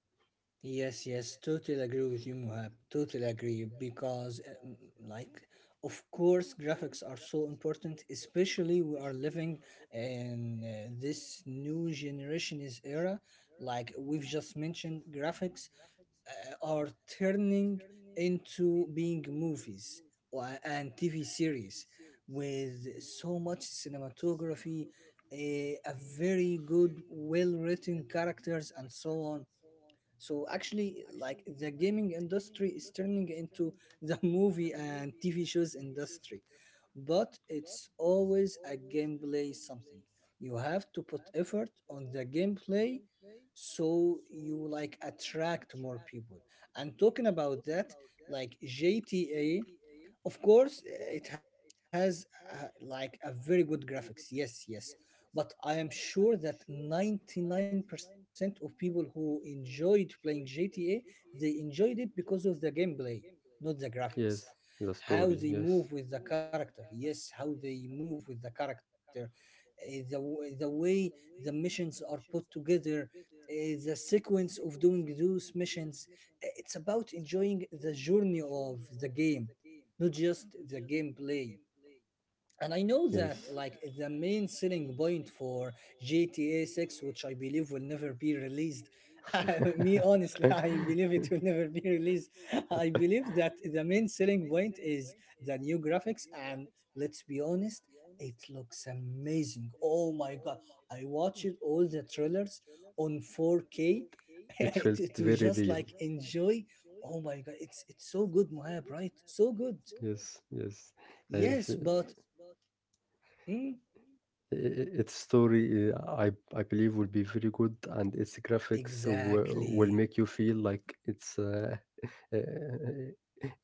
Speaker 2: Yes. Yes. Totally agree with you, Muhab. Totally agree because, uh, mm, like, of course, graphics are so important. Especially we are living in uh, this new generation is era. Like we've just mentioned, graphics uh, are turning into being movies wa- and T V series with so much cinematography, a, a very good, well written characters, and so on. So actually, like the gaming industry is turning into the movie and T V shows industry, but it's always a gameplay something. You have to put effort on the gameplay so you like attract more people. And talking about that, like G T A of course, uh, it has uh, like a very good graphics. Yes, yes. But I am sure that ninety-nine percent of people who enjoyed playing G T A, they enjoyed it because of the gameplay, not the
Speaker 1: Yes,
Speaker 2: graphics.
Speaker 1: the story.
Speaker 2: How
Speaker 1: Yes,
Speaker 2: they move with the character. Yes, how they move with the character. Uh, the, w- the way the missions are put together, uh, the sequence of doing those missions. Uh, It's about enjoying the journey of the game, not just the gameplay. And I know that
Speaker 1: yes.
Speaker 2: like the main selling point for G T A six, which I believe will never be released. Me honestly, I believe it will never be released. I believe that the main selling point is the new graphics, and let's be honest, it looks amazing. Oh my god. I watched all the trailers on four K
Speaker 1: It
Speaker 2: to,
Speaker 1: felt
Speaker 2: to
Speaker 1: very
Speaker 2: just
Speaker 1: real.
Speaker 2: like enjoy. Oh my god, it's it's so good, Mohab, right? So good.
Speaker 1: Yes, yes. I-
Speaker 2: Yes,
Speaker 1: Yes,
Speaker 2: but mm,
Speaker 1: i- its story, uh, I I believe, will be very good, and its graphics will, will
Speaker 2: exactly.
Speaker 1: make you feel like it's uh, uh,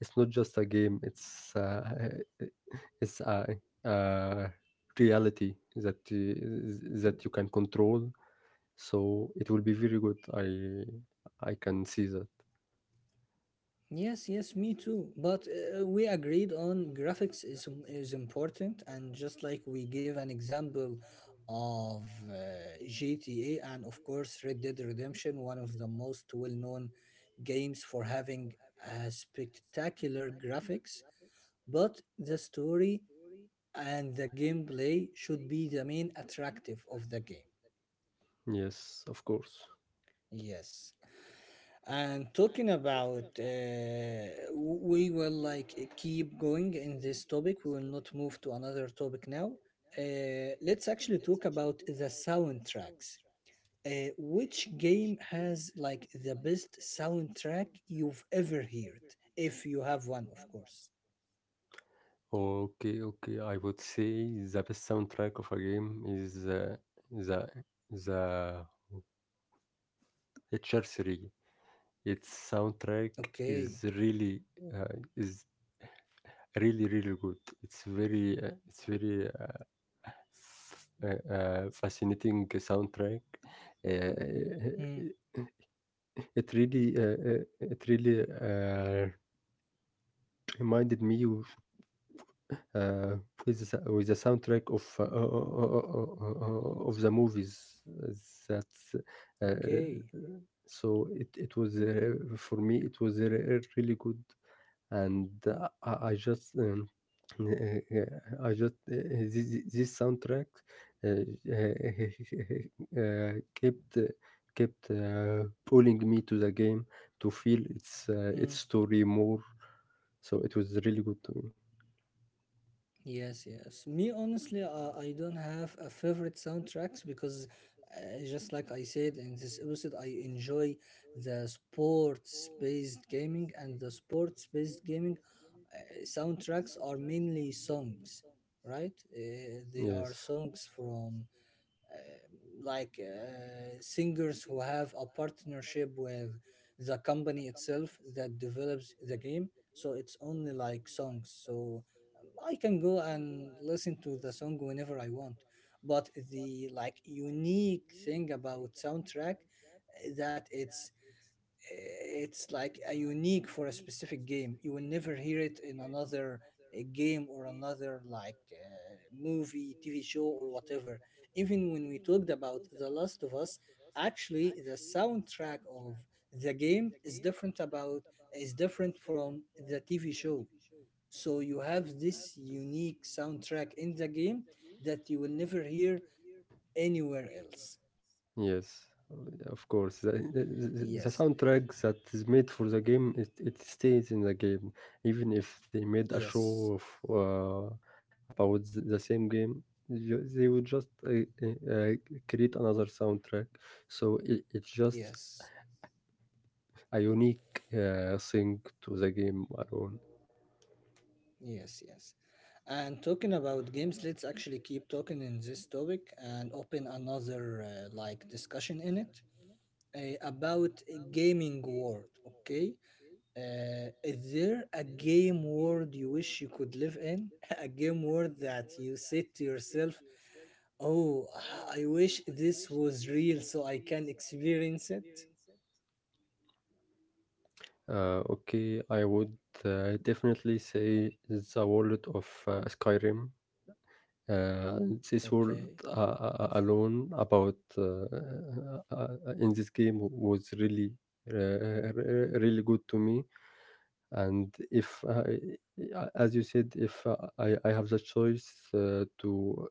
Speaker 1: it's not just a game. It's uh, it's a, a reality that uh, that you can control, so it will be very good. I I can see that.
Speaker 2: Yes, yes, me too. But uh, we agreed on graphics is im- is important, and just like we gave an example of uh, G T A and of course Red Dead Redemption, one of the most well-known games for having a spectacular graphics, but the story and the gameplay should be the main attractive of the game.
Speaker 1: Yes, of course.
Speaker 2: Yes. And talking about, uh, we will like keep going in this topic. We will not move to another topic now. Uh, let's actually talk about the soundtracks. Uh, which game has like the best soundtrack you've ever heard? If you have one, of course.
Speaker 1: Okay, okay. I would say the best soundtrack of a game is uh, the the H R three. Its soundtrack
Speaker 2: Okay.
Speaker 1: is really uh, is really really good. It's very uh, it's very uh, f- uh, uh, fascinating soundtrack. Uh,
Speaker 2: Hmm.
Speaker 1: it really uh, uh, it really uh, reminded me of uh, with the, with the soundtrack of uh, uh, of the movies, that's uh,
Speaker 2: Okay.
Speaker 1: so it, it was uh, for me it was uh, really good. And uh, I I just um, I just uh, this, this soundtrack uh, uh, kept kept uh, pulling me to the game to feel its uh, its
Speaker 2: Hmm.
Speaker 1: story more, so it was really good to me.
Speaker 2: Yes, yes. Me, honestly, uh, I don't have a favorite soundtracks because, uh, just like I said in this episode, I enjoy the sports-based gaming, and the sports-based gaming uh, soundtracks are mainly songs, right? Uh, they are
Speaker 1: Yes.
Speaker 2: songs from like uh, singers who have a partnership with the company itself that develops the game, so it's only like songs. So um, I can go and listen to the song whenever I want, but the like unique thing about soundtrack uh, that it's it's like a unique for a specific game. You will never hear it in another uh, game or another like uh, movie, TV show, or whatever. Even when we talked about The Last of Us, actually the soundtrack of the game is different about is different from the TV show. So you have this unique soundtrack in the game that you will never hear anywhere else.
Speaker 1: Yes, of course. The,
Speaker 2: Yes,
Speaker 1: the, the soundtrack that is made for the game, it, it stays in the game. Even if they made a
Speaker 2: yes,
Speaker 1: show of uh, about the, the same game, ju- they would just uh, uh, uh, create another soundtrack. So it, it's just
Speaker 2: yes.
Speaker 1: a unique uh, thing to the game alone.
Speaker 2: Yes, yes. And talking about games, let's actually keep talking in this topic and open another uh, like discussion in it uh, about a gaming world. Okay, uh, is there a game world you wish you could live in? A game world that you said to yourself, "Oh, I wish this was real so I can experience it."
Speaker 1: Uh, okay, I would uh, definitely say the world of uh, Skyrim. uh, this world
Speaker 2: Okay.
Speaker 1: uh, uh, alone about uh, uh, uh, in this game was really uh, really good to me. And if I, as you said, if uh, I, I have the choice uh, to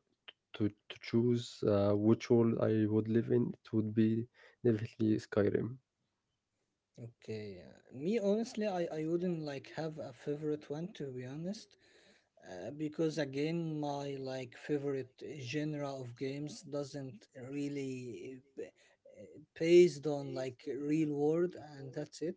Speaker 1: to, to choose uh, which world I would live in, it would be definitely Skyrim.
Speaker 2: Okay, yeah. Me honestly, I, I wouldn't like have a favorite one to be honest. Uh, because again, my like favorite genre of games doesn't really uh, b- uh, based on like real world, and that's it.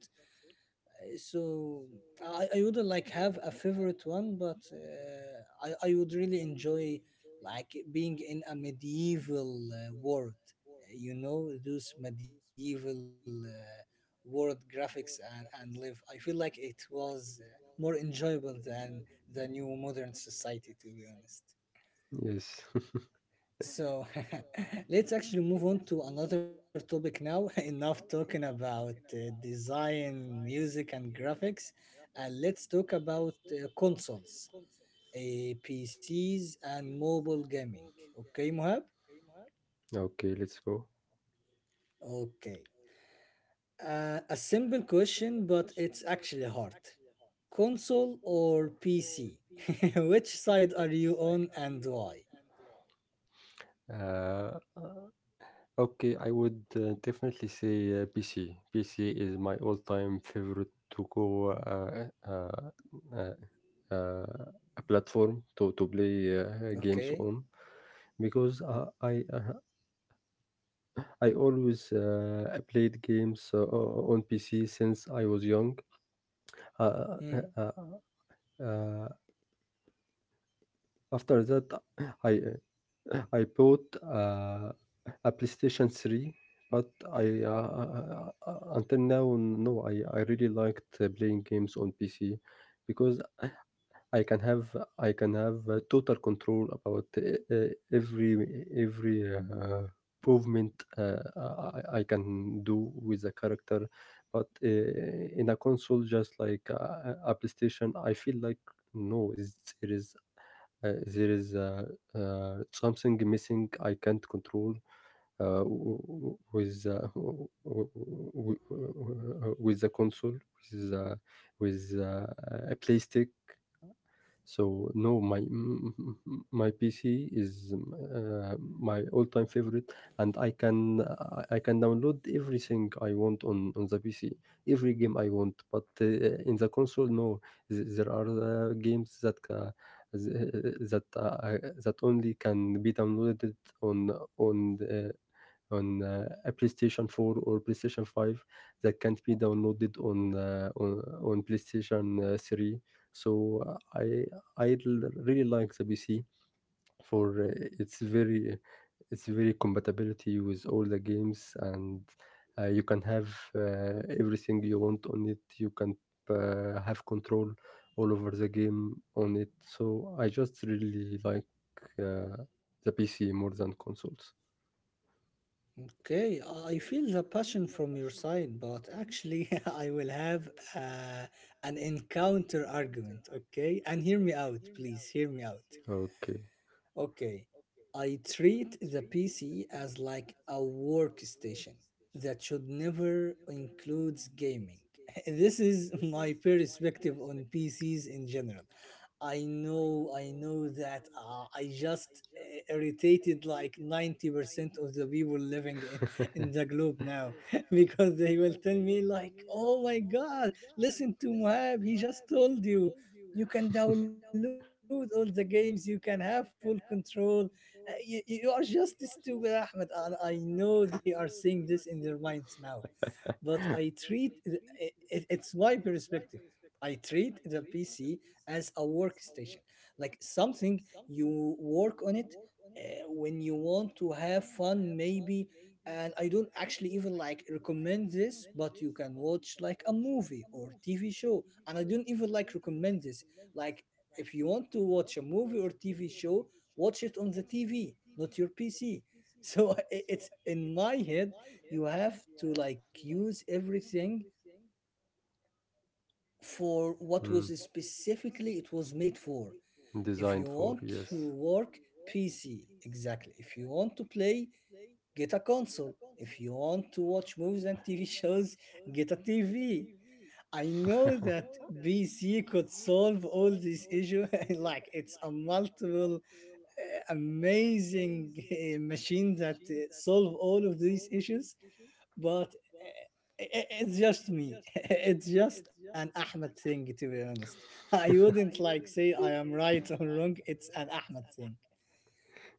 Speaker 2: So I, I wouldn't like have a favorite one, but uh, I, I would really enjoy like being in a medieval uh, world. Uh, You know, those medieval uh, world graphics and, and live. I feel like it was uh, more enjoyable than the new modern society, to be honest.
Speaker 1: Yes.
Speaker 2: So let's actually move on to another topic now. Enough talking about uh, design, music, and graphics. And let's talk about uh, consoles, uh, P Cs, and mobile gaming. Okay, Mohab?
Speaker 1: okay, let's go.
Speaker 2: Okay. Uh, a simple question, but it's actually hard. Console or P C? Which side are you on and why?
Speaker 1: uh, uh, Okay, I would uh, definitely say uh, P C. P C is my all-time favorite to go, uh, uh, uh, uh, a platform to to play uh, games
Speaker 2: Okay.
Speaker 1: on, because uh, I uh, I always uh, played games uh, on P C since I was young. Uh,
Speaker 2: Hmm.
Speaker 1: uh, uh, uh, After that, I uh, I bought uh, a PlayStation three, but I uh, uh, uh, until now no, I I really liked uh, playing games on P C because I can have I can have uh, total control about e- e- every every uh, movement uh, I, I can do with the character, but uh, in a console, just like uh, a PlayStation, I feel like no, it's, there is uh, there is uh, uh, something missing I can't control uh, w- w- with uh, w- w- w- w- with the console with uh, with uh, a PlayStation. So no, my m- m- m- my P C is um, uh, my all-time favorite, and I can I I can download everything I want on on the P C, every game I want. But uh, in the console, no, Th- there are uh, games that ca- th- that uh, I- that only can be downloaded on on uh, on uh, a PlayStation four or PlayStation five that can't be downloaded on uh, on, on PlayStation uh, three. So uh, I I l- really like the P C for uh, its very its very compatibility with all the games, and uh, you can have uh, everything you want on it. You can uh, have control all over the game on it. So I just really like uh, the P C more than consoles.
Speaker 2: Okay, I feel the passion from your side, but actually, I will have uh, an encounter argument, okay? And hear me out, please, hear me out.
Speaker 1: Okay.
Speaker 2: Okay, I treat the P C as like a workstation that should never includes gaming. This is my perspective on P Cs in general. I know, I know that uh, I just uh, irritated like ninety percent of the people living in, in the globe now because they will tell me like, oh my God, listen to Mohab, he just told you you can download all the games, you can have full control. Uh, You, you are just stupid, Ahmed. And I know they are saying this in their minds now, but I treat it, it, it's my perspective. I treat the P C as a workstation, like something you work on it uh, when you want to have fun, maybe. And I don't actually even like recommend this, but you can watch like a movie or T V show. And I don't even like recommend this. Like if you want to watch a movie or T V show, watch it on the T V, not your P C. So i- it's in my head, you have to like use everything for what was specifically it was made for. If you want
Speaker 1: for,
Speaker 2: to work, PC. Exactly. If you want to play, get a console. If you want to watch movies and TV shows, get a TV. I know that PC could solve all these issues like it's a multiple uh, amazing uh, machine that uh, solve all of these issues, but i- it's just me. It's just an Ahmed thing, to be honest. I wouldn't like say I am right or wrong. It's an Ahmed thing.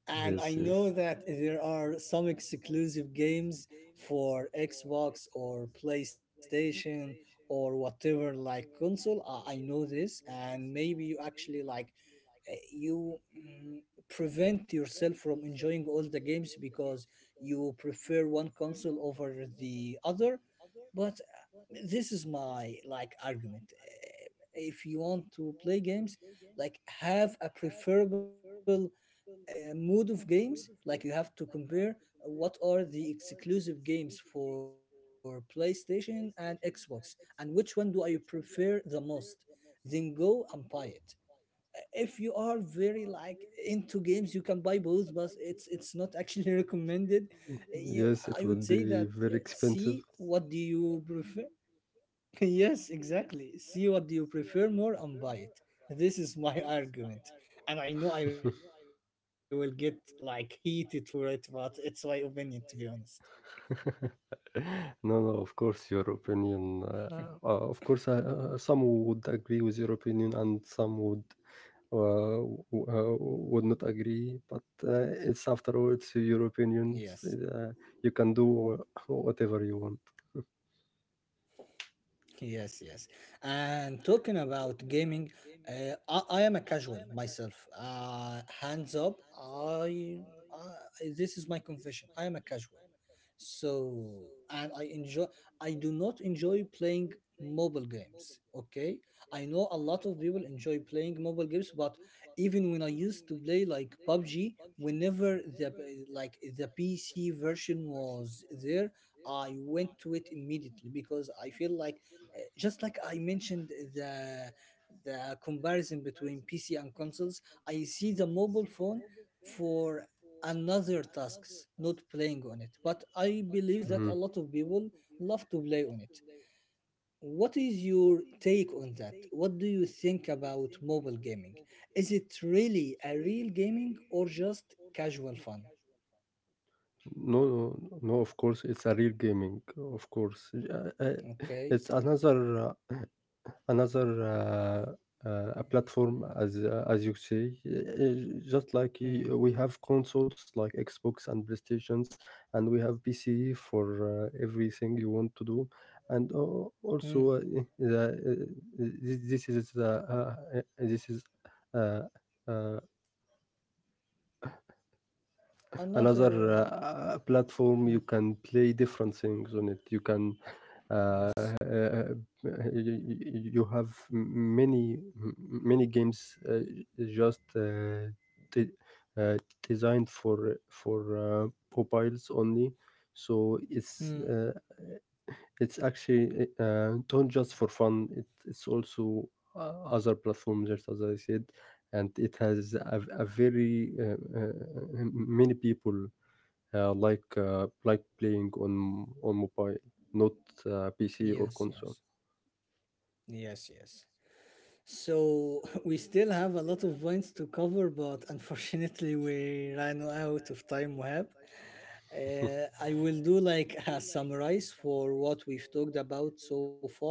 Speaker 2: And I
Speaker 1: yes,
Speaker 2: know that there are some exclusive games for Xbox or PlayStation or whatever like console. I I know this, and maybe you actually like uh, you mm, prevent yourself from enjoying all the games because you prefer one console over the other, but uh, this is my like argument. Uh, if you want to play games, like, have a preferable uh, mood of games, like, you have to compare what are the exclusive games for PlayStation and Xbox, and which one do I prefer the most, then go and buy it. If you are very like into games, you can buy both, but it's it's not actually recommended. Eh, you, I would say that uh, see what do you prefer. Yes, exactly, see what do you prefer more and buy it. This is my argument, and I know I will get like heated for it, but it's my opinion to be honest.
Speaker 1: P C. No, no, of course, your opinion. Uh, uh, of course, uh, uh, some would agree with your opinion and some would, wow, uh, would not agree, but uh, it's, after all, it's Europe.
Speaker 2: Yes.
Speaker 1: Uh, you can do wha- whatever you want.
Speaker 2: Yes, yes. And talking about gaming, uh, I, I am a casual myself. Uh, hands up, I, I, this is my confession. I am a casual. So, and I enjoy, I do not enjoy playing mobile games. Okay. I know a lot of people enjoy playing mobile games, but even when I used to play like P U B G, whenever the like the P C version was there, I went to it immediately because I feel like uh, just like I mentioned the the comparison between P C and consoles, I see the mobile phone for another tasks, not playing on it. But I believe that
Speaker 1: Mhm.
Speaker 2: a lot of people love to play on it. What is your take on that? What do you think about mobile gaming? Is it really a real gaming or just casual fun?
Speaker 1: No, no, no. Of course, it's a real gaming. Of course. Uh, uh,
Speaker 2: Okay.
Speaker 1: it's another. Uh, another uh, uh, a platform, as uh, as you say. Uh, just like y-
Speaker 2: Hmm.
Speaker 1: we have consoles like Xbox and PlayStations, and we have PC for uh, everything you want to do, and al- also
Speaker 2: Hmm.
Speaker 1: uh, eh, the, uh, this, this is uh, uh, this is uh, uh, another
Speaker 2: Another. Uh,
Speaker 1: uh, platform you
Speaker 2: hmm.
Speaker 1: can play different things on. It you can uh,
Speaker 2: Yes.
Speaker 1: uh, you, you have m- many m- many games uh, just uh, de- uh, designed for for uh, mobiles only, so it's
Speaker 2: Mm.
Speaker 1: uh, it's actually uh, not just for fun, it, it's also uh, other platforms, just as I said. And it has a, a very uh, uh, many people uh, like uh, like playing on on mobile, not uh, P C or
Speaker 2: Yes.
Speaker 1: console.
Speaker 2: Yes. Yes. Yes. So we still have a lot of points to cover, but unfortunately we ran out of time, Wahab. Uh, I will do like a summarize for what we've talked about so far.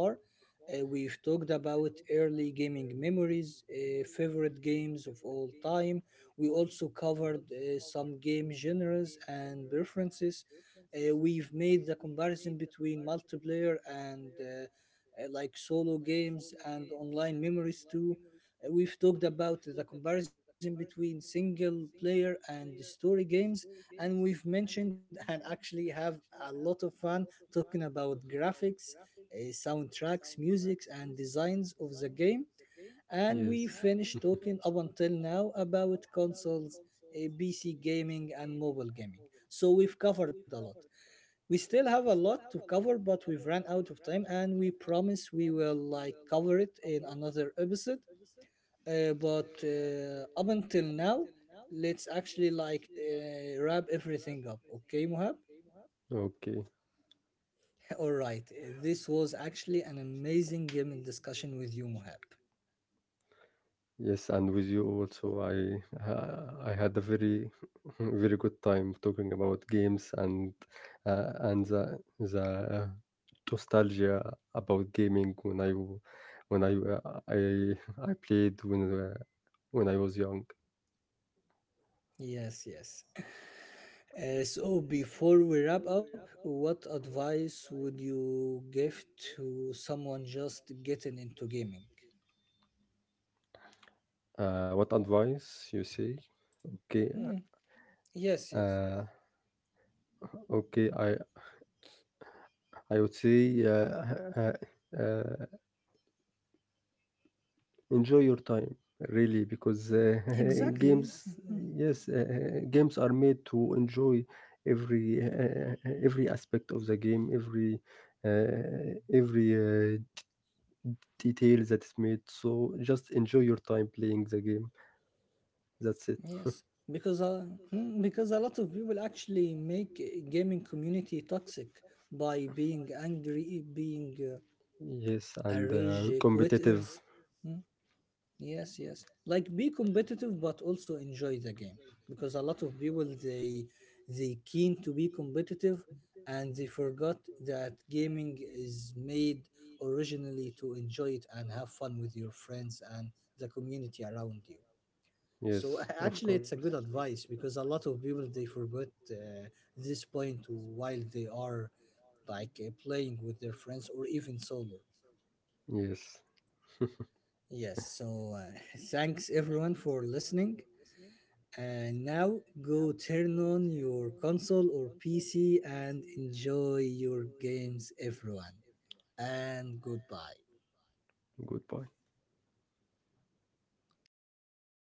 Speaker 2: Uh, we've talked about early gaming memories, uh, favorite games of all time. We also covered uh, some game genres and preferences. Uh, we've made the comparison between multiplayer and uh, uh, like solo games and online memories too. Uh, We've talked about the comparison between single player and the story games, and we've mentioned and actually have a lot of fun talking about graphics, uh, soundtracks, musics, and designs of the game. And
Speaker 1: Yes.
Speaker 2: we finished talking up until now about consoles, uh, P C gaming, and mobile gaming. So we've covered a lot. We still have a lot to cover, but we've run out of time, and we promise we will like cover it in another episode. Uh, but uh, up until now, let's actually like uh, wrap everything up, okay Mohab?
Speaker 1: Okay.
Speaker 2: All right, uh, this was actually an amazing gaming discussion with you, Mohab.
Speaker 1: Yes, and with you also, I uh, I had a very, very good time talking about games, and uh, and the the nostalgia about gaming when I w- when I uh, I I played when uh, when I was young.
Speaker 2: Yes, yes. uh, so before we wrap up, what advice would you give to someone just getting into gaming?
Speaker 1: Uh, what advice, you say? Okay,
Speaker 2: Hmm, yes, yes.
Speaker 1: uh, okay. I I would say, uh, uh, enjoy your time, really, because uh,
Speaker 2: Exactly. Yes.
Speaker 1: games,
Speaker 2: Mhm.
Speaker 1: yes, uh, games are made to enjoy every uh, every aspect of the game, every uh, every uh, detail that is made. So just enjoy your time playing the game. That's it.
Speaker 2: Yes. Because uh, mm, because a lot of people actually make gaming community toxic by being angry, being uh,
Speaker 1: Yes,
Speaker 2: a
Speaker 1: and
Speaker 2: rage
Speaker 1: uh, competitive.
Speaker 2: quitters. Mm, yes, yes. Like be competitive, but also enjoy the game. Because a lot of people, they they keen to be competitive, and they forgot that gaming is made originally to enjoy it and have fun with your friends and the community around you. So
Speaker 1: Yes,
Speaker 2: a-
Speaker 1: of
Speaker 2: actually, it's
Speaker 1: course.
Speaker 2: a good advice because a lot of people they forget uh, this point while they are like uh, playing with their friends or even solo.
Speaker 1: Yes,
Speaker 2: Yes. So uh, thanks everyone for listening. And now go turn on your console or P C and enjoy your games, everyone. And goodbye.
Speaker 1: good point.